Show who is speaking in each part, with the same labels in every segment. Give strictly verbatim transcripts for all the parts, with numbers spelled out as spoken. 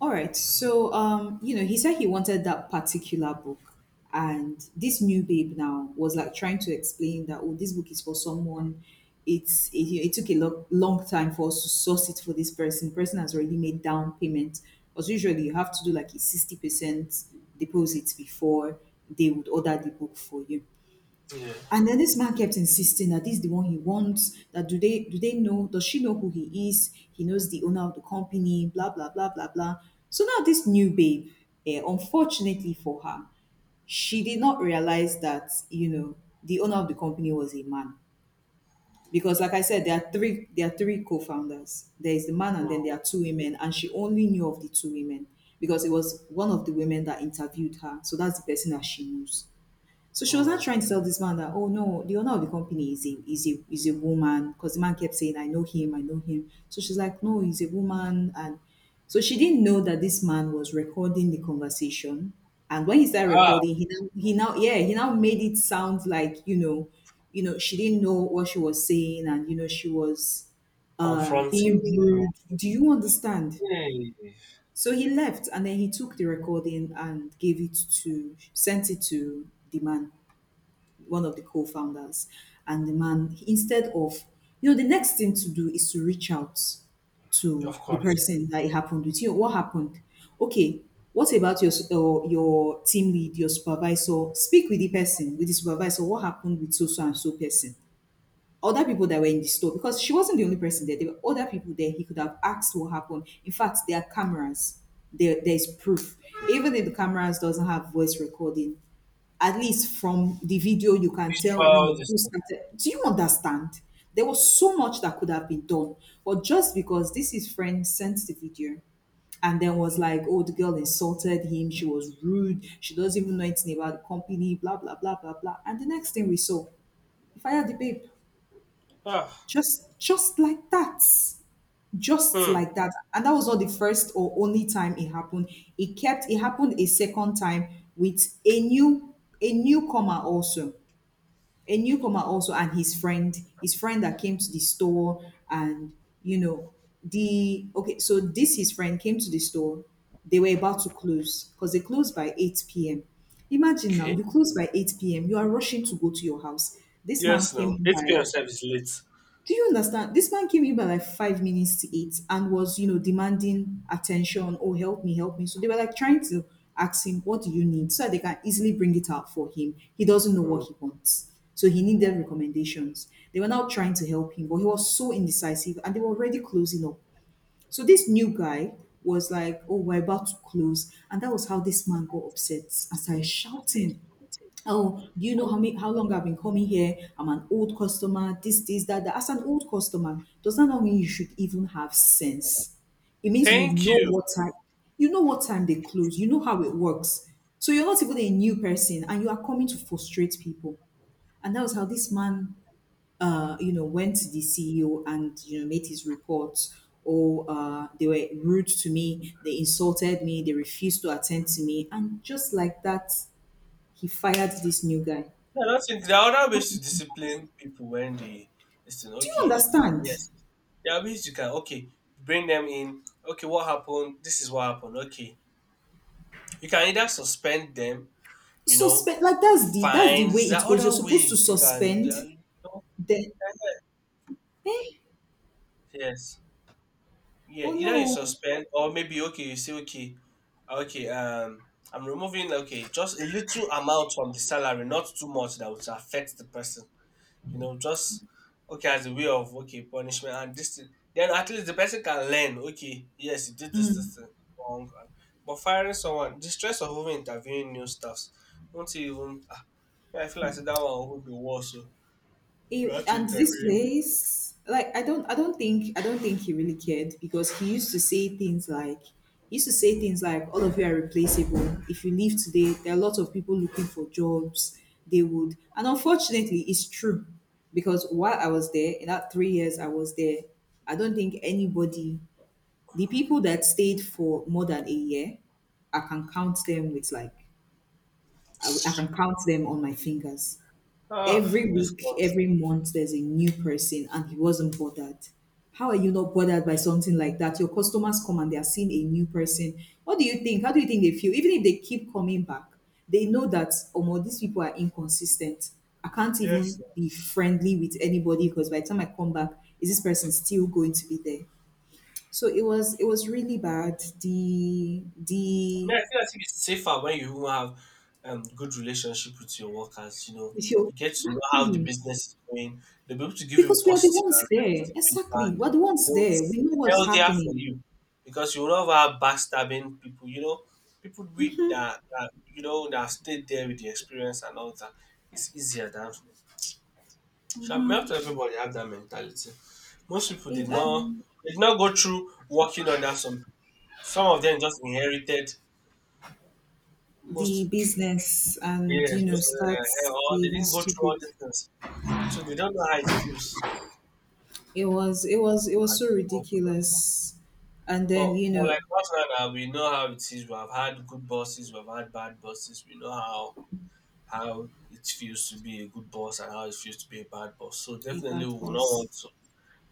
Speaker 1: All right. So, um, you know, he said he wanted that particular book. And this new babe now was like trying to explain that, oh, this book is for someone. It's it, it took a lo- long time for us to source it for this person. Person has already made down payment. Because usually you have to do like a sixty percent deposit before they would order the book for you.
Speaker 2: Yeah.
Speaker 1: And then this man kept insisting that this is the one he wants. That do they do they know? Does she know who he is? He knows the owner of the company. Blah blah blah blah blah. So now this new babe, eh, unfortunately for her, she did not realize that you know the owner of the company was a man, because like I said, there are three there are three co-founders. There is the man, and then
Speaker 2: Mm,
Speaker 1: there are two women, and she only knew of the two women, because it was one of the women that interviewed her, so that's the person that she knows. So she was not
Speaker 2: mm.
Speaker 1: trying to tell this man that, oh no, the owner of the company is a is a is a woman, because the man kept saying, I know him, I know him. So she's like, no, he's a woman. And so she didn't know that this man was recording the conversation. And when he started
Speaker 2: Ah,
Speaker 1: recording, he now he now yeah, he now made it sound like, you know, you know, she didn't know what she was saying, and you know, she was uh
Speaker 2: Confronting.
Speaker 1: being rude. Do you understand?
Speaker 2: Yeah,
Speaker 1: So he left, and then he took the recording and gave it to sent it to the man, one of the co-founders. And the man he- instead of, you know, the next thing to do is to reach out to
Speaker 2: of
Speaker 1: the
Speaker 2: course.
Speaker 1: person that it happened with, you know, what happened. Okay, what about your s- uh, your team lead, your supervisor? Speak with the person, with the supervisor, what happened with so so and so person, other people that were in the store, because she wasn't the only person there. There were other people there. He could have asked what happened. In fact, there are cameras. there there is proof.
Speaker 2: Okay.
Speaker 1: Even if the cameras doesn't have voice recording, at least from the video you can tell, you
Speaker 2: Visual
Speaker 1: know, who
Speaker 2: distance.
Speaker 1: started. Do you understand? There was so much that could have been done, but just because this, his friend, sent the video and then was like, oh, the girl insulted him, she was rude, she doesn't even know anything about the company, blah blah blah blah blah, and the next thing we saw, he fired the babe.
Speaker 2: Ah,
Speaker 1: Just just like that. Just
Speaker 2: hmm.
Speaker 1: like that. And that was not the first or only time it happened. It kept it happened a second time with a new a newcomer also. A newcomer also. And his friend his friend that came to the store, and you know, the okay, so this, his friend, came to the store. They were about to close because they closed by eight p.m. Imagine now,
Speaker 2: Okay.
Speaker 1: you close by eight p.m., you are rushing to go to your house. This
Speaker 2: Yes,
Speaker 1: man came
Speaker 2: no.
Speaker 1: in
Speaker 2: eight p m
Speaker 1: by
Speaker 2: self is late.
Speaker 1: Do you understand? This man came in by like five minutes to eight and was, you know, demanding attention. Oh, help me, help me. So they were like trying to ask him, what do you need, so that they can easily bring it out for him. He doesn't know what
Speaker 2: Mm.
Speaker 1: he wants, so he needed recommendations. They were now trying to help him, but he was so indecisive, and they were already closing up. So this new guy was like, oh, we're about to close. And that was how this man got upset and started shouting. Oh, do you know how many, how long I've been coming here? I'm an old customer. This, this, that, that. As an old customer, does that not mean you should even have sense? It means you
Speaker 2: Thank
Speaker 1: know
Speaker 2: you.
Speaker 1: what time, you know what time they close. You know how it works. So you're not even a new person, and you are coming to frustrate people. And that was how this man, uh, you know, went to the C E O and you know made his report. Or uh, They were rude to me. They insulted me. They refused to attend to me, and just like that, he fired this new guy.
Speaker 2: No, I don't think there are other
Speaker 1: No
Speaker 2: ways to
Speaker 1: questions
Speaker 2: discipline people when they
Speaker 1: asked.
Speaker 2: listen.
Speaker 1: Do you
Speaker 2: Okay.
Speaker 1: understand?
Speaker 2: Yes. There are ways you can, okay, bring them in. Okay, what happened? This is what happened. Okay. You can either suspend them, you know,
Speaker 1: Suspend, like that's the that's the way
Speaker 2: fines. There are
Speaker 1: it goes. You're
Speaker 2: other
Speaker 1: supposed to
Speaker 2: way you can,
Speaker 1: suspend,
Speaker 2: there are, you know.
Speaker 1: then
Speaker 2: Yes. Yeah,
Speaker 1: oh
Speaker 2: either you
Speaker 1: no,
Speaker 2: suspend or maybe okay, you say okay, uh, okay, um I'm removing like, okay, just a little amount from the salary, not too much that would affect the person. You know, just okay as a way of okay, punishment and this thing. Then at least the person can learn, okay, yes, you did this this thing wrong. And, but firing someone, the stress of even interviewing new staffs, won't you even ah, yeah, I feel like say that one would be worse. So we
Speaker 1: it,
Speaker 2: have to
Speaker 1: and this
Speaker 2: interview.
Speaker 1: place, like, I don't I don't think I don't think he really cared, because he used to say things like, he used to say things like all of you are replaceable. If you leave today, there are a lot of people looking for jobs. They would, and unfortunately, it's true, because while I was there, in that three years I was there, I don't think anybody, the people that stayed for more than a year, I can count them with, like, I, w- I can count them on my fingers.
Speaker 2: Ah,
Speaker 1: Every
Speaker 2: this
Speaker 1: week,
Speaker 2: one.
Speaker 1: every month, there's a new person, and he wasn't bothered. How are you not bothered by something like that? Your customers come and they are seeing a new person. What do you think? How do you think they feel? Even if they keep coming back, they know that, oh, well, these people are inconsistent. I can't
Speaker 2: Yes.
Speaker 1: even be friendly with anybody, because by the time I come back, is this person still going to be there? So it was, it was really bad. The
Speaker 2: I mean,
Speaker 1: the
Speaker 2: I feel like it's safer when you even have um, good relationship with your workers. You know,
Speaker 1: if
Speaker 2: you
Speaker 1: you
Speaker 2: get to know how the
Speaker 1: exactly,
Speaker 2: business is going. They'll be able to give you
Speaker 1: because we are the
Speaker 2: positive
Speaker 1: ones
Speaker 2: and
Speaker 1: there.
Speaker 2: realistic feedback.
Speaker 1: Exactly, we're the
Speaker 2: You
Speaker 1: ones
Speaker 2: know,
Speaker 1: there.
Speaker 2: it's
Speaker 1: We know what's
Speaker 2: healthier for
Speaker 1: happening.
Speaker 2: you because you will not have backstabbing people. You know, people with that, that you know that have stayed there with the experience and all that. It's easier than. So not everybody have that mentality. Most people did
Speaker 1: If
Speaker 2: not
Speaker 1: um,
Speaker 2: did not go through working under some. Some of them just inherited
Speaker 1: the
Speaker 2: most.
Speaker 1: business, and you
Speaker 2: Yes,
Speaker 1: know,
Speaker 2: most of them are
Speaker 1: starts
Speaker 2: or they
Speaker 1: behaving
Speaker 2: didn't go through
Speaker 1: stupid.
Speaker 2: all these things. So they don't know how it feels
Speaker 1: It was it
Speaker 2: to
Speaker 1: was it was so
Speaker 2: actually work.
Speaker 1: ridiculous. And
Speaker 2: But,
Speaker 1: then you
Speaker 2: but
Speaker 1: know
Speaker 2: like us right now, we know how it is. We have had good bosses, we have had bad bosses. We know how how it feels to be a good boss and how it feels to be a bad boss. So
Speaker 1: if
Speaker 2: definitely,
Speaker 1: that
Speaker 2: we will not
Speaker 1: was
Speaker 2: want to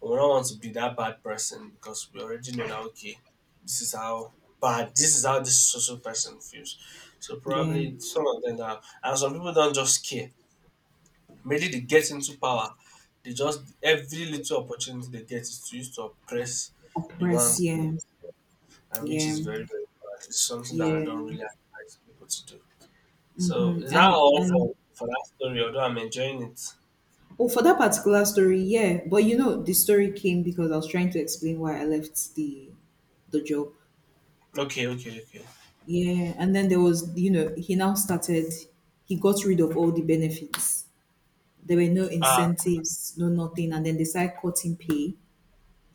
Speaker 2: we will not want to be that bad person because we already know that okay, this is how bad this is how this social person feels. So
Speaker 1: yeah,
Speaker 2: probably some of them are, and some people don't just care. Mainly they get into power. They just every little opportunity they get is to use to oppress the
Speaker 1: oppress,
Speaker 2: ones below,
Speaker 1: yeah.
Speaker 2: and which
Speaker 1: Yeah.
Speaker 2: is very very bad. It's something that I
Speaker 1: Yeah.
Speaker 2: don't really advise people to do. So
Speaker 1: Mm-hmm.
Speaker 2: is that
Speaker 1: and
Speaker 2: all for
Speaker 1: and
Speaker 2: for that story? Although I'm enjoying it.
Speaker 1: oh, for that particular story, yeah. But you know, the story came because I was trying to explain why I left the the job.
Speaker 2: Okay, okay, okay.
Speaker 1: Yeah, and then there was, you know, he now started. He got rid of all the benefits. There were no
Speaker 2: Ah, uh,
Speaker 1: incentives, no nothing, and then they started cutting pay.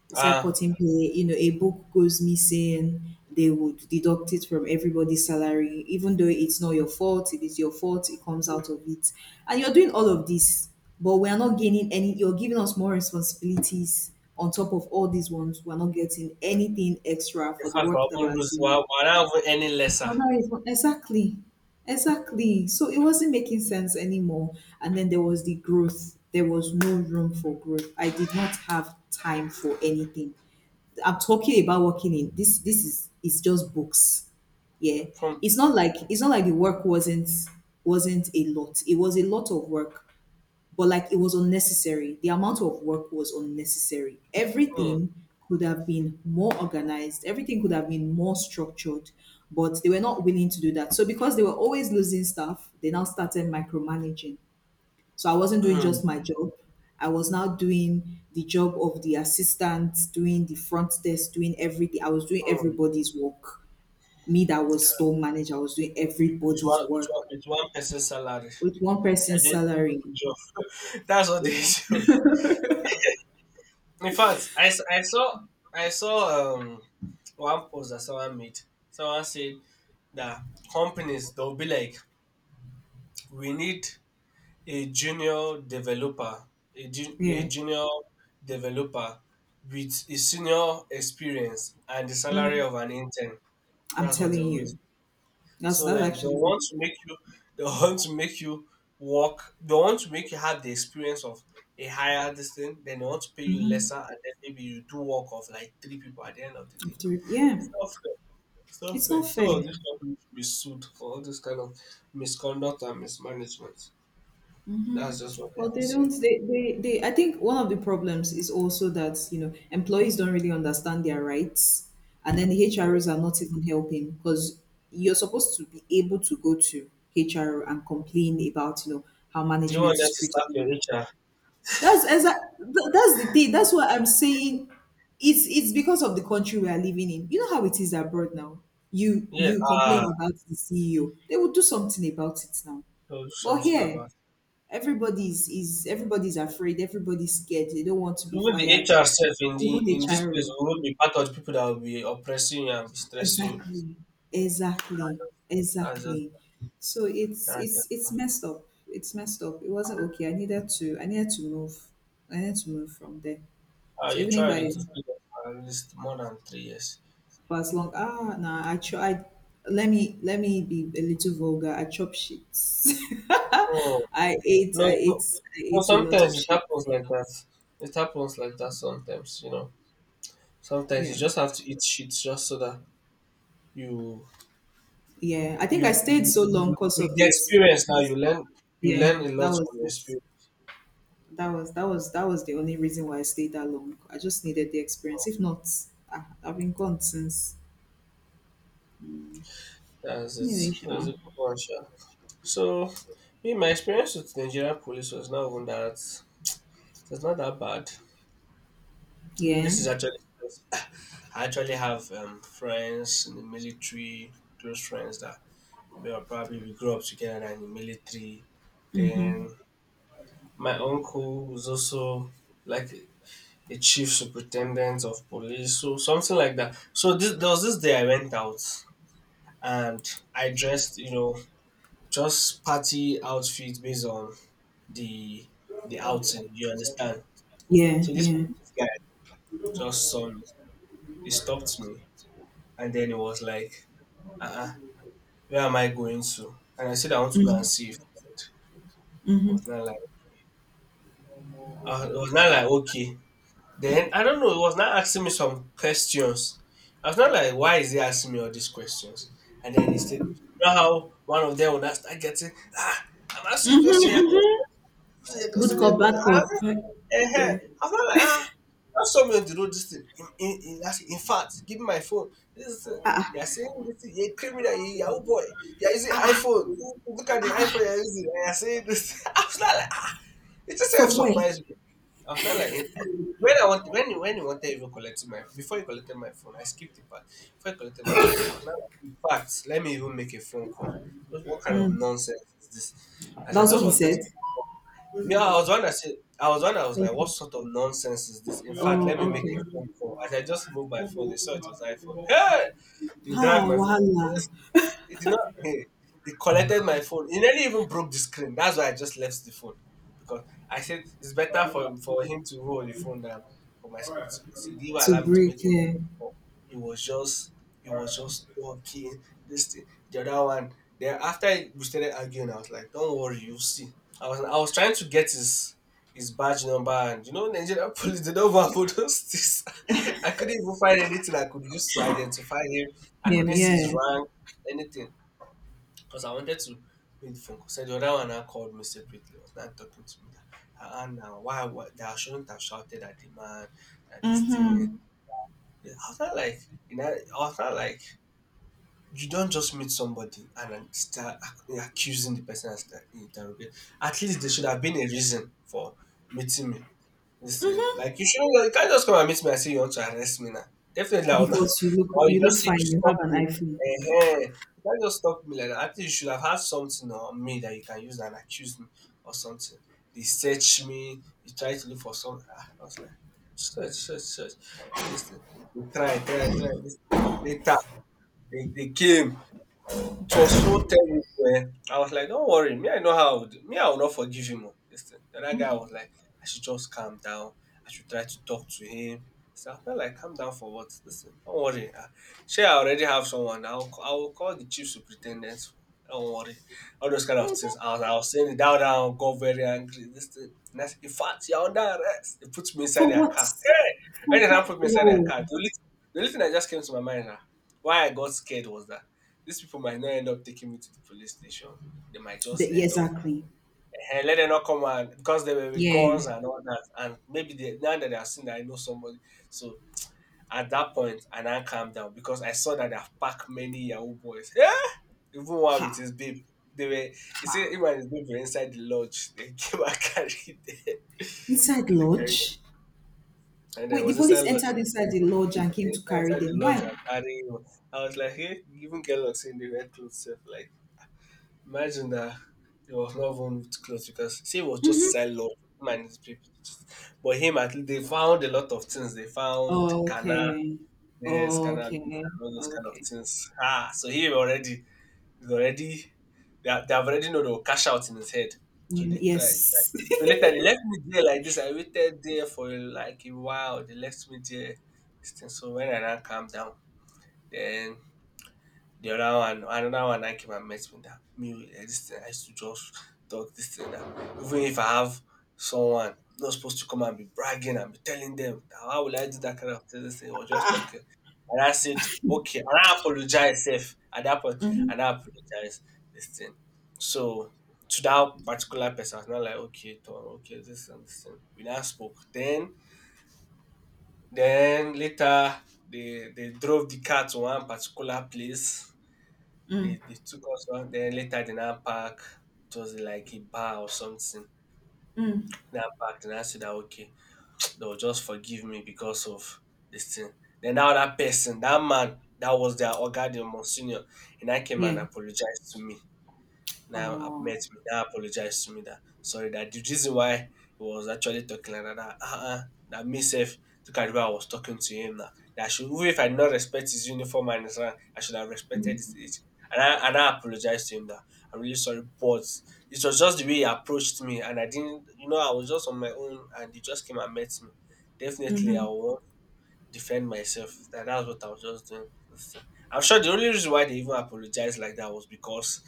Speaker 1: It's like
Speaker 2: ah. Uh,
Speaker 1: cutting pay, you know, a book goes missing, they would deduct it from everybody's salary, even though it's not your fault, it is your fault, it comes out of it. And you're doing all of this, but we are not gaining any, you're giving us more responsibilities on top of all these ones. We're not getting anything extra
Speaker 2: in
Speaker 1: for the
Speaker 2: fact, I
Speaker 1: work that
Speaker 2: won't
Speaker 1: we're
Speaker 2: lose. Why,
Speaker 1: doing.
Speaker 2: why not even any lesser
Speaker 1: Well, that is what- exactly, exactly. So it wasn't making sense anymore. And then there was the growth. There was no room for growth. I did not have time for anything. I'm talking about working in this this is it's just books. Yeah.
Speaker 2: from
Speaker 1: It's not like, it's not like the work wasn't wasn't a lot. It was a lot of work, but like it was unnecessary. The amount of work was unnecessary.
Speaker 2: mm,
Speaker 1: Everything could have been more organized. Everything could have been more structured, but they were not willing to do that. So because they were always losing staff, they now started micromanaging, so I wasn't doing just
Speaker 2: mm,
Speaker 1: my job. I was now doing the job of the assistant, doing the front desk, doing everything. I was doing
Speaker 2: mm,
Speaker 1: everybody's work. Me that was store manager, I was doing
Speaker 2: with
Speaker 1: everybody's
Speaker 2: one with one
Speaker 1: work
Speaker 2: with one person salary?
Speaker 1: with one
Speaker 2: I
Speaker 1: person's
Speaker 2: didn't.
Speaker 1: salary.
Speaker 2: That's what the
Speaker 1: Yeah.
Speaker 2: issue In fact, I, s- I saw I saw um one post that someone made. Someone said that companies they'll be like, we need a junior developer, a, ju- a
Speaker 1: Yeah.
Speaker 2: junior developer with a senior experience and the
Speaker 1: Mm,
Speaker 2: salary of an intern.
Speaker 1: I'm
Speaker 2: That's what they
Speaker 1: telling
Speaker 2: always
Speaker 1: you. That's
Speaker 2: so
Speaker 1: that's
Speaker 2: like they
Speaker 1: actually what
Speaker 2: want
Speaker 1: they
Speaker 2: to
Speaker 1: do.
Speaker 2: make you they want to make you work they want to make you have the experience of a higher distance, then they want to pay you lesser and then maybe you do work of like three people at the end of the day.
Speaker 1: After- Yeah.
Speaker 2: It's not fair. It's not
Speaker 1: It's
Speaker 2: fair.
Speaker 1: not
Speaker 2: Some of
Speaker 1: fair.
Speaker 2: these companies should be sued for all this kind of misconduct and mismanagement. That's just what they
Speaker 1: Well,
Speaker 2: will
Speaker 1: they don't.
Speaker 2: say.
Speaker 1: They, they, they. I think one of the problems is also that you know employees don't really understand their rights, and then the H Rs are not even helping, because you're supposed to be able to go to H R and complain about, you know, how
Speaker 2: Do you
Speaker 1: management
Speaker 2: want that
Speaker 1: is
Speaker 2: to
Speaker 1: treating
Speaker 2: start your
Speaker 1: you.
Speaker 2: H R?
Speaker 1: That's exact. tha- That's the thing. That's what I'm saying. It's it's because of the country we are living in. You know how it is abroad now. You
Speaker 2: Yeah,
Speaker 1: you
Speaker 2: ah,
Speaker 1: complain about the C E O, they will do something about it now.
Speaker 2: they'll do
Speaker 1: But
Speaker 2: something about
Speaker 1: here,
Speaker 2: it.
Speaker 1: Everybody's is everybody's afraid, everybody's scared, they don't want to be
Speaker 2: Even the
Speaker 1: fired.
Speaker 2: H R self in the
Speaker 1: Even a
Speaker 2: in this place
Speaker 1: child.
Speaker 2: will not be part of the people that will be oppressing you and be stressing you.
Speaker 1: Exactly. Exactly.
Speaker 2: That's just.
Speaker 1: Exactly. So it's
Speaker 2: That
Speaker 1: it's
Speaker 2: is,
Speaker 1: it's messed up. It's messed up. It wasn't okay. I needed to I needed to move. I needed to move from there.
Speaker 2: uh,
Speaker 1: So
Speaker 2: you
Speaker 1: even if
Speaker 2: tried to stay
Speaker 1: I
Speaker 2: there for at least more than three years.
Speaker 1: for as long, ah, nah, I tried, let me let me be a little vulgar. I chop shit.
Speaker 2: Oh
Speaker 1: I ate
Speaker 2: no,
Speaker 1: I
Speaker 2: no, no.
Speaker 1: ate I
Speaker 2: Well,
Speaker 1: ate a lot
Speaker 2: sometimes
Speaker 1: of
Speaker 2: it
Speaker 1: shit.
Speaker 2: happens like that. It happens like that sometimes. You know, sometimes
Speaker 1: Yeah.
Speaker 2: you just have to eat shit just so that you
Speaker 1: Yeah, I think
Speaker 2: you
Speaker 1: I
Speaker 2: you,
Speaker 1: stayed
Speaker 2: you,
Speaker 1: so long
Speaker 2: you
Speaker 1: because of
Speaker 2: the
Speaker 1: the
Speaker 2: experience now.
Speaker 1: experience.
Speaker 2: You learn you
Speaker 1: Yeah,
Speaker 2: learn a
Speaker 1: that
Speaker 2: lot
Speaker 1: was
Speaker 2: from your
Speaker 1: it.
Speaker 2: experience.
Speaker 1: That was that was that was the only reason why I stayed that long. I just needed the experience. If not, I, I've been gone since.
Speaker 2: That's it.
Speaker 1: Anyway,
Speaker 2: So it's a
Speaker 1: sha.
Speaker 2: good one, sure. So, me, my experience with Nigerian police was not even that. It's not that bad.
Speaker 1: Yeah,
Speaker 2: This is actually I actually have um, friends in the military, close friends that we were probably we grew up together in the military. Then my uncle was also like a chief superintendent of police, so something like that. So this, there was this day I went out and I dressed, you know, just party outfit based on the the outing. You understand?
Speaker 1: yeah,
Speaker 2: So this
Speaker 1: yeah.
Speaker 2: guy just saw me. He stopped me, and then he was like, "Uh, uh where am I going to?" And I said I want to go and see a friend. It was not like uh, it was not like okay. Then I don't know, it was not asking me some questions. I was not like why is he asking me all these questions? And then he said, you know how one of them would not start getting ah, I'm asking you question. You're asking
Speaker 1: Good
Speaker 2: me
Speaker 1: cop,
Speaker 2: a—
Speaker 1: bad cop.
Speaker 2: uh-huh.
Speaker 1: Yeah,
Speaker 2: I'm not like, ah, that's something to do this thing. In, in, in, that's— in fact, give me my phone. This is the thing. You're saying this thing, you're a criminal, you're a Yahoo boy. You're using iPhone. Look at the iPhone you're using. And you're saying this. I was not like, ah, it just sort of surprised me. I was not like, eh, when I want, when, he- when he wanted even collecting my, before he collected my phone, I skipped the part. Before he collected my phone, I was not like, in fact, let me even make a phone call. Just what kind of
Speaker 1: mm.
Speaker 2: nonsense is this? As I
Speaker 1: That
Speaker 2: just
Speaker 1: what he
Speaker 2: wanted to
Speaker 1: said.
Speaker 2: yeah, I was one I said I was one I was like,
Speaker 1: Okay.
Speaker 2: what sort of nonsense is this? In fact,
Speaker 1: Oh,
Speaker 2: let me make
Speaker 1: okay.
Speaker 2: a phone call. As I just moved my phone, I saw it was iPhone. Hey, you
Speaker 1: Ah,
Speaker 2: dragged my phone.
Speaker 1: wahala.
Speaker 2: Yes, it did not. Hey, it collected my phone. It nearly even broke the screen. That's why I just left the phone because I said it's better for for him to roll the phone than for my screen. So he didn't
Speaker 1: To
Speaker 2: allow me to
Speaker 1: break,
Speaker 2: make any
Speaker 1: yeah.
Speaker 2: phone call. It was just it was just talking. This thing, the other one. Then after we started arguing, I was like, "Don't worry, you'll see." I was I was trying to get his his badge number, and you know, Nigerian police they don't have all those things. I couldn't even find anything I could use to identify him. I
Speaker 1: Yeah,
Speaker 2: couldn't see his
Speaker 1: yeah.
Speaker 2: rank anything because I wanted to make the phone call. So the other one now called me separately, was not talking to me that "Ah, ah, now why why- that I shouldn't have shouted at the man, that this thing."
Speaker 1: Mm-hmm.
Speaker 2: I was not like you know, I was not like you don't just meet somebody and then start ac- accusing the person as the interrogate. At least there should have been a reason for meeting me. Listen, like you shouldn't you can't just come and meet me and say you want to arrest me now. Definitely I will not.
Speaker 1: Because you look
Speaker 2: Or you
Speaker 1: you look
Speaker 2: just say you
Speaker 1: fine, you
Speaker 2: stop
Speaker 1: have an
Speaker 2: me.
Speaker 1: iPhone.
Speaker 2: Eh, eh. You can't just stop me like that. I think you should have had something on me that you can use and accuse me or something. They search me, you try to look for something. Ah, I was like, search, search, search. Listen, they try, try, try. Listen, later, they, they came. It was so terrible. Eh. I was like, don't worry. Me, I know how. I would- Me, I will not forgive him. Oh, this thing. The other guy was like, I should just calm down. I should try to talk to him. So I felt like, calm down for what? Listen, don't worry. Uh, Sure, I already have someone. I'll, I I'll call the chief superintendent. Don't worry. All those kind of things. I was, I was saying it down, down, got very angry. This thing. And I said, in fact, you're under arrest. They put me inside
Speaker 1: For
Speaker 2: their
Speaker 1: what?
Speaker 2: car. Hey! When
Speaker 1: For
Speaker 2: they now
Speaker 1: what?
Speaker 2: put me inside their
Speaker 1: Oh,
Speaker 2: car, the only, the only thing that just came to my mind, ah, why I got scared was that these people might not end up taking me to the police station. They might
Speaker 1: the,
Speaker 2: just
Speaker 1: yeah,
Speaker 2: end up
Speaker 1: exactly.
Speaker 2: and let them not come and because they were with guns
Speaker 1: Yeah.
Speaker 2: and all that. And maybe they now that they are seen that I know somebody. So at that point, I now calm down because I saw that they have packed many Yahoo boys. Even one with
Speaker 1: Ha.
Speaker 2: his babe. They were he said
Speaker 1: Ha.
Speaker 2: him and his babe were inside the lodge. They came and carried them.
Speaker 1: Inside
Speaker 2: And they carried
Speaker 1: lodge?
Speaker 2: them. And I
Speaker 1: Wait, the
Speaker 2: was inside
Speaker 1: police
Speaker 2: lodge.
Speaker 1: entered
Speaker 2: They
Speaker 1: inside the
Speaker 2: were
Speaker 1: lodge and came to carry
Speaker 2: inside the
Speaker 1: them.
Speaker 2: lodge
Speaker 1: Why?
Speaker 2: and carrying him. I was like, hey, even get locks in the red clothes. Like imagine that it was not even with clothes because say it was just inside lodge, him and his people. But him at least they found a lot of things. They found canna,
Speaker 1: Okay.
Speaker 2: yes, cannabis
Speaker 1: Okay.
Speaker 2: and all those kind of
Speaker 1: Okay.
Speaker 2: things. Ah, so he already is already they, are- they have already know they will cash out in his head. So
Speaker 1: Mm,
Speaker 2: they tried. Try.
Speaker 1: yes.
Speaker 2: So later they left me there like this. I waited there for like a while. They left me there. This thing. So when I now calm down, then the other one, another one that came and met me that me eh, this thing I used to just talk this thing that even if I have someone I'm not supposed to come and be bragging and be telling them that how will I do that kind of thing, this thing or just talking. And I said, okay, and I apologize safe at that point, and I
Speaker 1: Mm-hmm.
Speaker 2: apologize this thing. So to that particular person, I was not like, okay, Tom, okay, this and this thing. We now spoke. Then then later they they drove the car to one particular place they,
Speaker 1: Mm,
Speaker 2: they took us on. Then later, they now park. It was like a bar or something.
Speaker 1: mm.
Speaker 2: Now park. Then I said that okay, they'll just forgive me because of this thing. Then now that person, that man, that was their organ, the monsignor, and I came and
Speaker 1: Yeah.
Speaker 2: apologized to me. Now I've met
Speaker 1: Oh.
Speaker 2: me. Now apologize to me that sorry that the reason why he was actually talking like that that uh-uh, that me self look at the way I was talking to him now. That I should even if I not respect his uniform and his rank, I should have respected his age. And I and I apologized to him that I'm really sorry, but it was just the way he approached me and I didn't you know, I was just on my own and he just came and met me. Definitely I
Speaker 1: Mm-hmm.
Speaker 2: will defend myself. That that's what I was just doing. So, I'm sure the only reason why they even apologized like that was because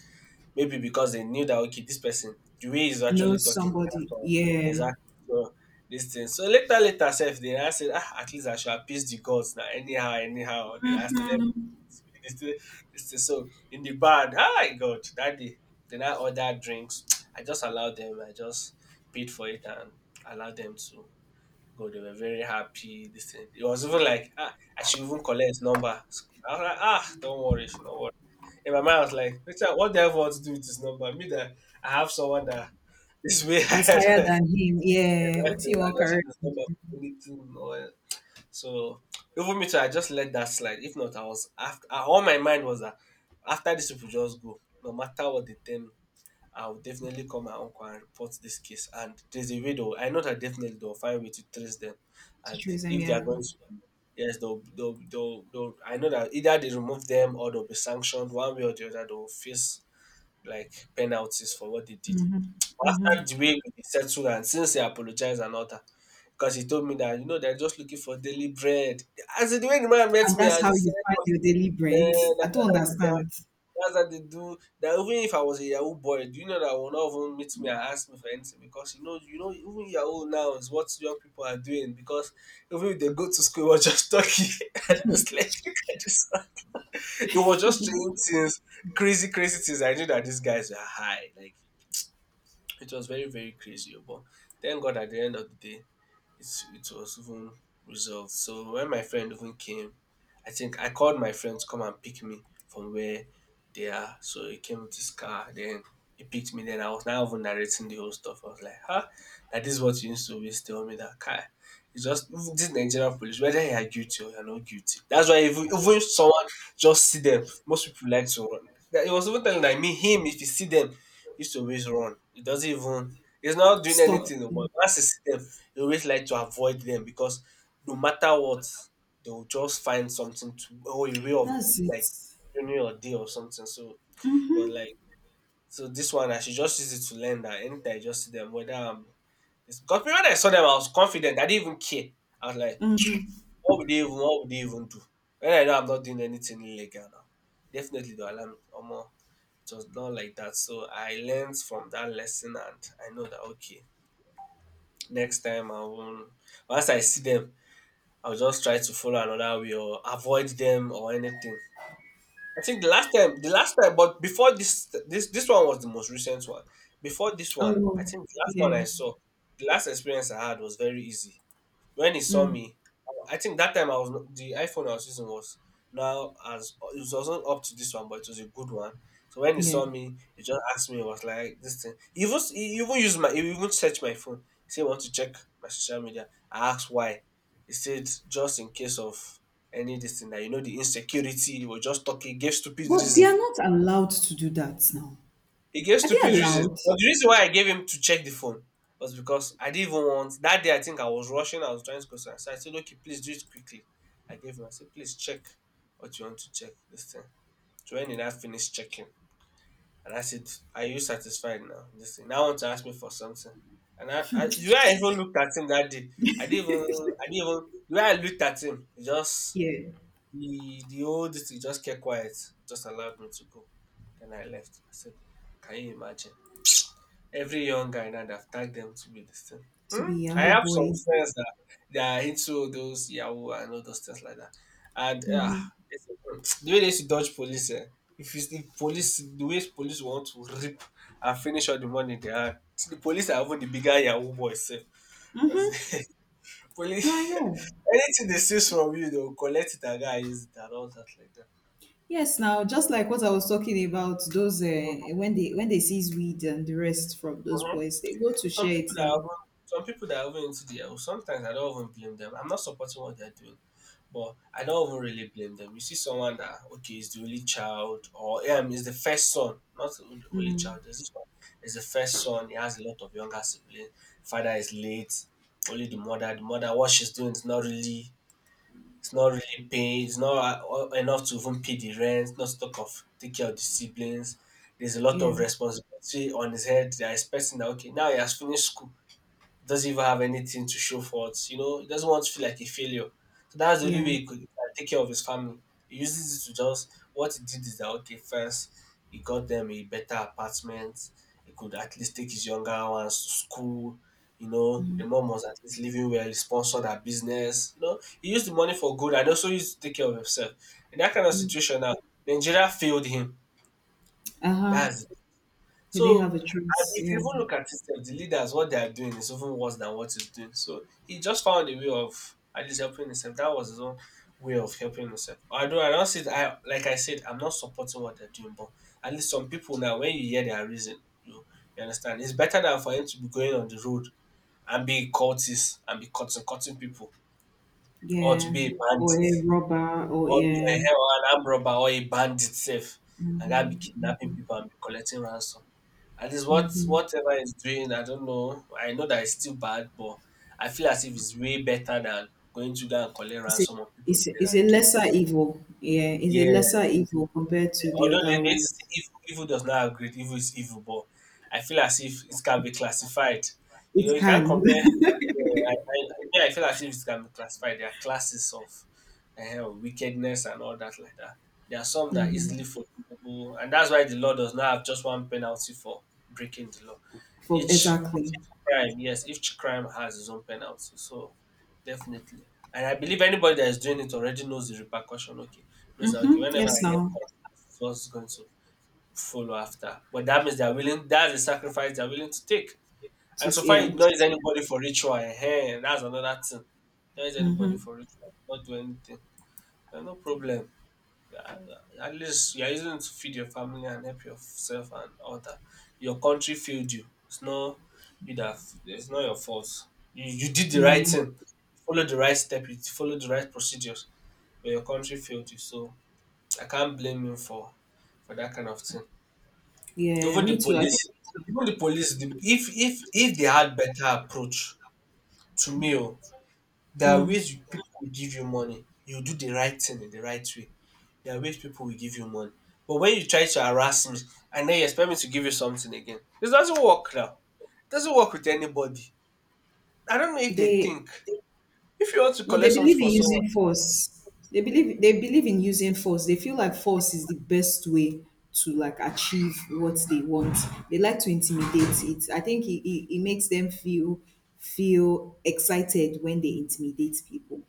Speaker 2: maybe because they knew that okay, this person the way he's
Speaker 1: Know
Speaker 2: actually talking
Speaker 1: somebody.
Speaker 2: so,
Speaker 1: Yeah.
Speaker 2: exactly so this thing. So later later self they now said ah at least I should appease the gods now anyhow anyhow. They now said, "Eh,
Speaker 1: Mm-hmm.
Speaker 2: this thing, this thing." So in the bar ah my god that day they now order drinks. I just allowed them. I just paid for it and allowed them to God, they were very happy. This thing. It was even like, ah, I should even collect his number. I was like, ah, don't worry, you should not worry. In my mind, I was like, Richard, what the hell want to do with this number? Me that I have someone that is way
Speaker 1: That's
Speaker 2: ahead.
Speaker 1: higher
Speaker 2: Exactly.
Speaker 1: than him. Yeah.
Speaker 2: I
Speaker 1: What's in your
Speaker 2: don't see
Speaker 1: career
Speaker 2: this number for anything. Or, so even me too, I just let that slide. If not, I was after all my mind was that after these people just go, no matter what they tell me. I'll definitely call my uncle and report this case. And there's a way though. I know that definitely they'll find a way to trace them.
Speaker 1: to
Speaker 2: And
Speaker 1: trace him?
Speaker 2: if they're
Speaker 1: Yeah.
Speaker 2: going to, yes, they'll, they'll, they'll, they'll, I know that either they remove them or they'll be sanctioned one way or the other. They'll face like penalties for what they did. But after the way we settled and since he apologized and all that, because he told me that, you know, they're just looking for daily bread. As in, the way the man met
Speaker 1: And
Speaker 2: me
Speaker 1: that's
Speaker 2: and he
Speaker 1: how
Speaker 2: said,
Speaker 1: you find your daily
Speaker 2: "Okay,
Speaker 1: bread.
Speaker 2: eh,
Speaker 1: I
Speaker 2: that's
Speaker 1: don't understand.
Speaker 2: what they do. That even if I was a Yahoo boy, do you know that will not even meet me and ask me for anything because you know, you know, even Yahoo now is what young people are doing because even if they go to school, we're just talking." And I was like, look at this one. It was just strange things, crazy, crazy things. I knew that these guys were high. Like it was very, very crazy, oh, but thank God at the end of the day, it it was even resolved. So when my friend even came, I think I called my friend to come and pick me from where they are. So he came with his car, then he picked me. Then I was now even narrating the whole stuff. I was like, huh? That is what you used to always tell me that car. It's just even this Nigerian police, whether you are guilty or you're not guilty. That's why even, even if someone just see them, most people like to run. That- he was even telling that me, him, if he see them, used to always run. He doesn't even he's not doing
Speaker 1: Stop.
Speaker 2: anything, oh, but once he see them, he always like to avoid them because no matter what, they will just find something to or a way of
Speaker 1: That's it.
Speaker 2: like ruining your day or something. So but like so this one I should just use it to learn that anytime I just see them, whether I'm it's, because when I saw them I was confident, I didn't even care. I was like,
Speaker 1: Mhm.
Speaker 2: what would they even what would they even do? When I know I'm not doing anything illegal now. Definitely they'll allow me. Omo, it was not like that. So I learned from that lesson, and I know that okay, next time I won't. Once I see them, I'll just try to follow another way or avoid them or anything. I think the last time, the last time, but before this, this this one was the most recent one. Before this one, I
Speaker 1: Oh,
Speaker 2: think the last one I
Speaker 1: yeah.
Speaker 2: saw, the last experience I had was very easy. When he saw
Speaker 1: Mm,
Speaker 2: me, I think that time I was not, the iPhone I was using was now as it was also up to this one, but it was a good one. So when he
Speaker 1: yeah.
Speaker 2: saw me, he just asked me. He was like, "This thing." He even he even used my he even searched my phone. He said, "Want to check my social media?" I asked why. He said, "Just in case of any this thing that you know the insecurity." He was just talking, gave stupid
Speaker 1: But they are
Speaker 2: reason.
Speaker 1: not allowed to do that now.
Speaker 2: He gave
Speaker 1: Are they
Speaker 2: stupid reasons.
Speaker 1: allowed?
Speaker 2: But the reason why I gave him to check the phone was because I didn't even want that day I think I was rushing, I was trying to go somewhere. So I said, okay, please do it quickly. I gave him, I said, please check what you want to check this thing. So when did I finish checking? And I said, are you satisfied now? This thing. Now want to ask me for something. And I, I the way I even looked at him that day, I didn't even I didn't even the way I looked at him, he just
Speaker 1: Yeah.
Speaker 2: the the old thing just kept quiet, just allowed me to go. Then I left. I said, can you imagine? Every young guy now, they've tagged them to be this thing.
Speaker 1: To be
Speaker 2: Hmm? I
Speaker 1: Yahoo
Speaker 2: have some
Speaker 1: boys.
Speaker 2: friends that they are into those Yahoo and all those things like that. And uh,
Speaker 1: Hmm.
Speaker 2: the way they used to dodge police, eh? If you see police, the way police want to rip and finish all the money they had, the police are even the bigger Yahoo boys. Eh.
Speaker 1: Hmm.
Speaker 2: Because
Speaker 1: No, I
Speaker 2: police,
Speaker 1: know.
Speaker 2: anything they steal from you, they'll collect it and go and use it and all that like that.
Speaker 1: Yes, now, just like what I was talking about, those uh, when they when they seize weed and the rest from those
Speaker 2: Mhm.
Speaker 1: boys, they go to
Speaker 2: Some
Speaker 1: share
Speaker 2: people
Speaker 1: it
Speaker 2: that are
Speaker 1: now.
Speaker 2: even, some people that are even into the health, sometimes I don't even blame them. I'm not supporting what they're doing, but I don't even really blame them. You see someone that okay is the only child or um is the first son, not the only only child. There's this one is the first son. He has a lot of younger siblings. Father is late. Only the mother. The mother what she's doing is not really. It's not really paying. It's not uh, enough to even pay the rent. Not to talk of take care of the siblings. There's a lot
Speaker 1: Yeah,
Speaker 2: of responsibility on his head. They are expecting that okay now he has finished school doesn't even have anything to show for it. You know, he doesn't want to feel like a failure. So that's the only
Speaker 1: yeah.
Speaker 2: way he could he can take care of his family. He uses it to just what he did is that okay, first he got them a better apartment. He could at least take his younger ones to school. You know, the mom was at least living well. He sponsored her business. You know, he used the money for good and also used to take care of himself. In that kind of situation now, Nigeria failed him.
Speaker 1: Uh-huh.
Speaker 2: That's
Speaker 1: He didn't
Speaker 2: so,
Speaker 1: have a
Speaker 2: and
Speaker 1: choice.
Speaker 2: if you
Speaker 1: Yeah.
Speaker 2: even look at itself, the leaders, what they are doing is even worse than what he's doing. So he just found a way of at least helping himself. That was his own way of helping himself. Although I don't see it, I like I said, I'm not supporting what they're doing, but at least some people now, when you hear their reason, you you understand, it's better than for him to be going on the road and be a cultist and be cutting cutting people, or to
Speaker 1: Yeah.
Speaker 2: be a band,
Speaker 1: Or a robber or
Speaker 2: or be a
Speaker 1: yeah.
Speaker 2: hell an armed robber or a bandit safe and guy be kidnapping people and be collecting ransom. At least what whatever he's doing, I don't know. I know that it's still bad, but I feel as if it's way better than going to go and collect
Speaker 1: It's a,
Speaker 2: ransom on people.
Speaker 1: it's a, it's
Speaker 2: Head
Speaker 1: a lesser evil. Yeah. It's a
Speaker 2: yeah.
Speaker 1: lesser evil compared to the
Speaker 2: Although they
Speaker 1: other
Speaker 2: they say
Speaker 1: ones.
Speaker 2: evil, evil does not have great, evil is evil, but I feel as if it can be classified. You know,
Speaker 1: It
Speaker 2: you can't
Speaker 1: can.
Speaker 2: compare. Yeah, I, I, I feel as if it can be classified. There are classes of uh, wickedness and all that like that. There are some that are
Speaker 1: Hmm.
Speaker 2: easily forgivable, and that's why the law does not have just one penalty for breaking the law.
Speaker 1: For
Speaker 2: Each
Speaker 1: exactly.
Speaker 2: crime, yes, each crime has its own penalty. So definitely. And I believe anybody that is doing it already knows the repercussion. Okay. Knows that okay,
Speaker 1: Mm-hmm.
Speaker 2: whenever
Speaker 1: Yes
Speaker 2: I get
Speaker 1: now.
Speaker 2: caught, this is what's going to follow after. But that means they're willing, that's the sacrifice they're willing to take.
Speaker 1: To,
Speaker 2: And so far it
Speaker 1: yeah.
Speaker 2: ignores anybody for ritual. Hey, that's another thing. There is anybody
Speaker 1: Mm-hmm.
Speaker 2: for ritual, not do anything. Eh, no problem. Yeah, at least you're using it to feed your family and help yourself and all that. Your country failed you. It's not you that, it's not your fault. You, you did the
Speaker 1: Yeah.
Speaker 2: right thing. You followed the right step. You followed the right procedures, but your country failed you. So I can't blame you for for that kind of thing.
Speaker 1: Yeah.
Speaker 2: Even
Speaker 1: Me
Speaker 2: the
Speaker 1: too. I think
Speaker 2: police, even the police, the, if if if they had better approach to me, oh, there are ways you, people will give you money. You do the right thing in the right way, there are ways people will give you money. But when you try to harass me and then you expect me to give you something again, it doesn't work now. It doesn't work with anybody. I don't know if they
Speaker 1: they.
Speaker 2: think. If you want to
Speaker 1: No, they
Speaker 2: collect something
Speaker 1: believe
Speaker 2: for
Speaker 1: in
Speaker 2: someone,
Speaker 1: using force. They believe they believe in using force. They feel like force is the best way to, like, achieve what they want. They like to intimidate it. I think it, it, it makes them feel feel excited when they intimidate people,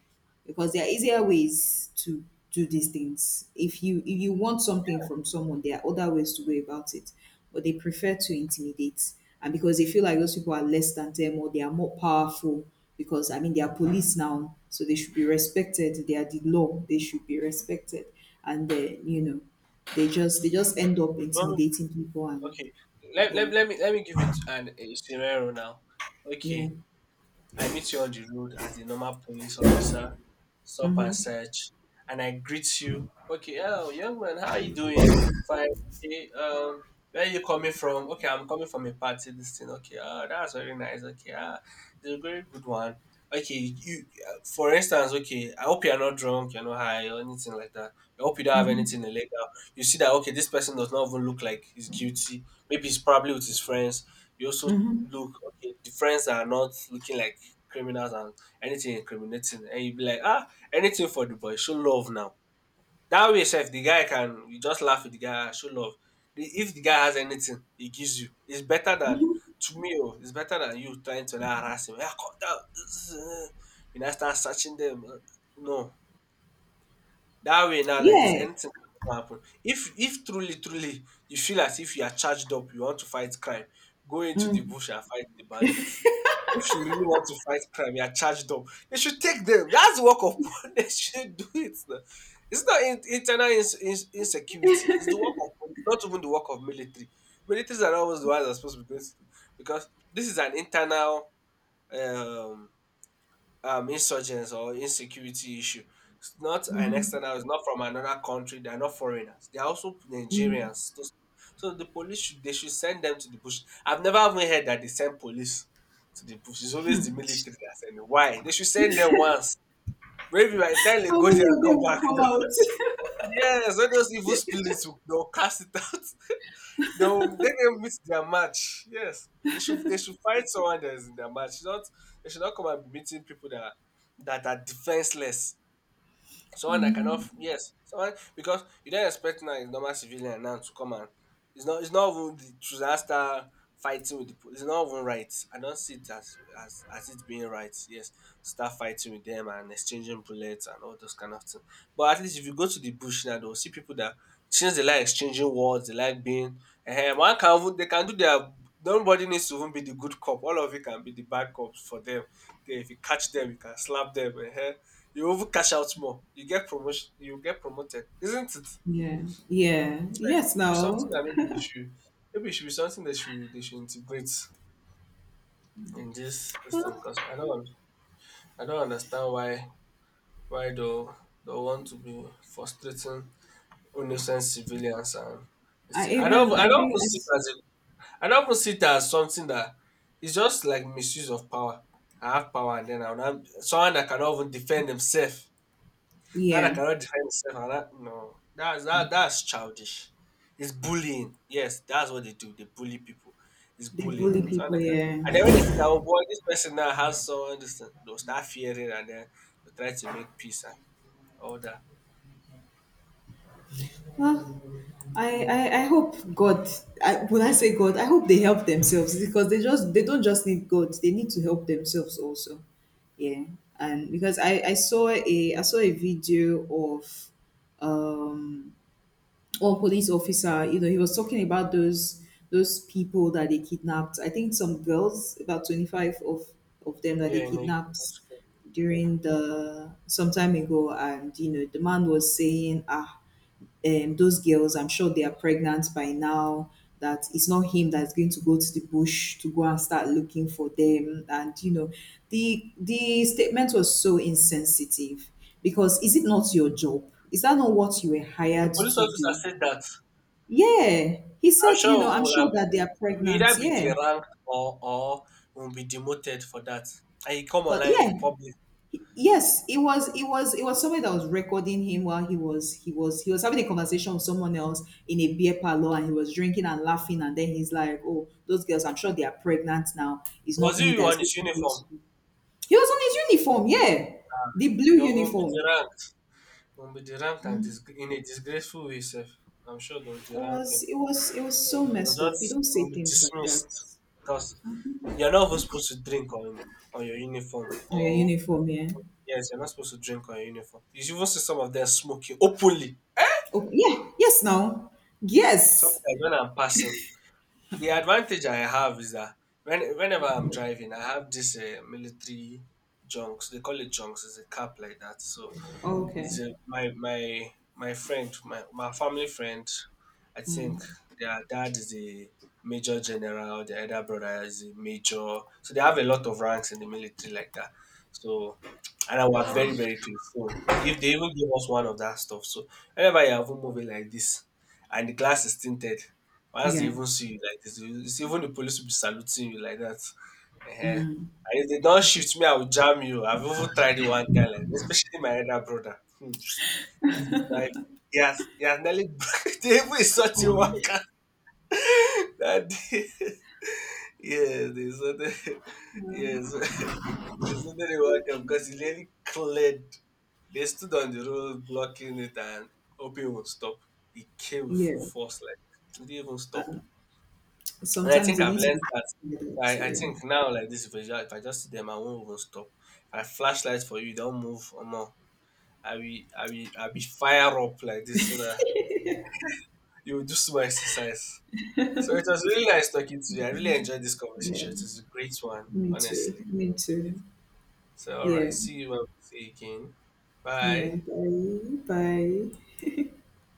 Speaker 1: because there are easier ways to do these things. If you if you want something from someone, there are other ways to go about it, but they prefer to intimidate, and because they feel like those people are less than them or they are more powerful. Because I mean, they are police now, so they should be respected. They are the law; they should be respected, and they, you know, they just they just end up
Speaker 2: you want
Speaker 1: intimidating people,
Speaker 2: me-
Speaker 1: and
Speaker 2: okay, let,
Speaker 1: yeah,
Speaker 2: let, let me let me give it an a scenario now.
Speaker 1: yeah.
Speaker 2: Okay, I meet you on the road as a normal police officer, stop and
Speaker 1: Mm-hmm.
Speaker 2: search, and I greet you. Okay, oh, young man, how are you doing? Fine. Okay, um, where are you coming from? Okay, I'm coming from a party. This thing. Okay, oh, that's very nice. Okay, ah, it's a very good one. Okay, you, uh, for instance, okay, I hope you are not drunk, you're not high or anything like that. I hope you don't have
Speaker 1: Mm-hmm.
Speaker 2: anything illegal. You see that okay, this person does not even look like he's guilty. Maybe he's probably with his friends. You also
Speaker 1: Mm-hmm.
Speaker 2: look okay, the friends are not looking like criminals and anything incriminating, and you be like, ah, anything for the boy, show love now. That way sef the guy, can you just laugh with the guy, "Ah, show love." The, if the guy has anything he gives you, it's better than to me, oh, it's better than you trying to like harass him, ah, come down you now start searching them. Uh, no, that way now, like this,
Speaker 1: Yeah.
Speaker 2: anything can happen. If if truly, truly you feel as if you are charged up, you want to fight crime, go into the
Speaker 1: Mm-hmm.
Speaker 2: bush and fight the bandits. If you really want to fight crime, you are charged up. They should take them. That's work of police. They should do it now. It's not in, internal ins, ins, insecurity. It's the work of police, not even the work of military. Militaries are always the ones that are supposed to be going to, because this is an internal um um insurgents or insecurity issue. It's not an external, it's not from another country, they're not foreigners. They're also Nigerians. Those- so the police should, they should send them to the bush. I've never even heard that they send police to the bush. It's always the military that send them. Why? They should send them once. Maybe by the time they
Speaker 1: How
Speaker 2: go
Speaker 1: many
Speaker 2: there and
Speaker 1: of them
Speaker 2: come
Speaker 1: will
Speaker 2: back,
Speaker 1: come out?
Speaker 2: yes, all those evil spirits will, they'll cast it out, they will they will meet their match. Yes, they should they should fight someone that is in their match. Not they should not come and be meeting people that are- that are defenseless. Someone that cannot, yes, someone, because you don't expect now a normal civilian now to come and it's not, it's not even the disaster fighting with the po-, it's not even right. I don't see it as as as it being right. Yes, start fighting with them and exchanging bullets and all those kind of things. But at least if you go to the bush now, they'll see people that since they like exchanging words, they like being uh, one can even, they can do their, nobody needs to even be the good cop. All of you can be the bad cops for them. They, if you catch them, you can slap them. Eh. You even cash out more. You get promotion. You get promoted. Isn't it?
Speaker 1: Yeah, yeah, yes,
Speaker 2: Should be something
Speaker 1: no.
Speaker 2: that maybe they should. Maybe it should be something that should, they should integrate in this system.
Speaker 1: Well,
Speaker 2: Cause I don't. I don't understand why why they they want to be frustrating innocent civilians and. This
Speaker 1: I
Speaker 2: thing. I don't.
Speaker 1: even
Speaker 2: I
Speaker 1: I
Speaker 2: don't even
Speaker 1: think I
Speaker 2: see it
Speaker 1: s-
Speaker 2: as. A, I don't even see it as something that it's just like misuse of power. I have power, and then I'm someone that cannot even defend himself. That I
Speaker 1: yeah,
Speaker 2: cannot defend myself, and that no. That's that that's childish. It's bullying. Yes, that's what they do. They bully people. It's
Speaker 1: they
Speaker 2: bullying.
Speaker 1: bully
Speaker 2: So I
Speaker 1: people.
Speaker 2: can,
Speaker 1: Yeah.
Speaker 2: and then when they see that, oh boy, this person now has someone this thing, they'll start fearing and then they'll try to make peace and all that.
Speaker 1: Well, I I, I hope God. I, when I say God, I hope they help themselves, because they just they don't just need God. They need to help themselves also. Yeah, and because I I saw a I saw a video of um or police officer, you know, he was talking about those those people that they kidnapped. I think some girls, about twenty-five of of them, that they
Speaker 2: Yeah, you know.
Speaker 1: kidnapped
Speaker 2: That's good.
Speaker 1: during the some time ago. And you know, the man was saying, ah, um, those girls, I'm sure they are pregnant by now. That it's not him that's going to go to the bush to go and start looking for them. And you know, the the statement was so insensitive, because is it not your job? Is that not what you were
Speaker 2: The
Speaker 1: hired
Speaker 2: police
Speaker 1: to
Speaker 2: officer
Speaker 1: do?
Speaker 2: said that
Speaker 1: Yeah, he
Speaker 2: I'm
Speaker 1: said,
Speaker 2: sure
Speaker 1: you
Speaker 2: we
Speaker 1: know, I'm
Speaker 2: will have
Speaker 1: sure that they
Speaker 2: you
Speaker 1: are
Speaker 2: will
Speaker 1: pregnant.
Speaker 2: either be
Speaker 1: Yeah,
Speaker 2: deranked or or will be demoted for that. And you come
Speaker 1: but yeah,
Speaker 2: online public.
Speaker 1: yes, it was, it was, it was somebody that was recording him while he was, he was, he was having a conversation with someone else in a beer parlor, and he was drinking and laughing, and then he's like, "Oh, those girls, I'm sure they are pregnant now. It's
Speaker 2: Was
Speaker 1: not me
Speaker 2: you
Speaker 1: that is
Speaker 2: on
Speaker 1: going
Speaker 2: his
Speaker 1: to go
Speaker 2: uniform?
Speaker 1: to." He was on his uniform. Yeah, the blue
Speaker 2: The will be
Speaker 1: uniform.
Speaker 2: deranked. Won't be deranked and dis- in a disgraceful way, sef. I'm sure they'll
Speaker 1: It
Speaker 2: derank him.
Speaker 1: was, it was, it was
Speaker 2: Or,
Speaker 1: so
Speaker 2: or
Speaker 1: messed up. You
Speaker 2: just
Speaker 1: don't say
Speaker 2: will be
Speaker 1: things like that.
Speaker 2: dismissed because you're not even supposed to drink on on your uniform.
Speaker 1: Oh, your
Speaker 2: Or
Speaker 1: uniform, yeah.
Speaker 2: yes, you're not supposed to drink on your uniform. You should even see some of them smoking openly.
Speaker 1: Okay, yeah, yes, now, yes.
Speaker 2: Sometimes when I'm passing, the advantage I have is that when whenever I'm driving, I have this uh, military junks. They call it junks. It's a cap like that. So it's
Speaker 1: Okay.
Speaker 2: uh, my my my friend, my my family friend. I think their dad is a major general. Their other brother is a major. So they have a lot of ranks in the military like that. So and I were very very close. So if they even give us one of that stuff, so whenever you have a movie like this, and the glass is tinted, once they
Speaker 1: Yeah.
Speaker 2: even see you like this, you- it's even the police will be saluting you like that. Uh, and if they don't shift me, I will jam you. I've even tried it one time, like, especially my elder brother. Hmm. If you drive, he has, he has nearly they even insult you one car that day. Yes, they insulted. Yes, they insulted the one car because he nearly cleared. They stood on the road blocking it and hoping it would stop. He came with full
Speaker 1: Yeah.
Speaker 2: force, like, he didn't even stop. And I
Speaker 1: Sometimes
Speaker 2: think
Speaker 1: they
Speaker 2: I've
Speaker 1: need to be
Speaker 2: learned that.
Speaker 1: that.
Speaker 2: I, I
Speaker 1: Yeah.
Speaker 2: think now like this, if I, just, if I just see them, I won't even stop. If I flashlight for you, don't move or more. I will, I will, I will fire up like this so that you will do some exercise. So it was really nice talking to you. I really enjoyed this
Speaker 1: Yeah.
Speaker 2: conversation. It was a great one,
Speaker 1: Me too.
Speaker 2: honestly.
Speaker 1: Me
Speaker 2: I enjoyed it.
Speaker 1: too.
Speaker 2: So all right,
Speaker 1: Yeah.
Speaker 2: see you when we see you again. Bye.
Speaker 1: Yeah. Bye. Bye.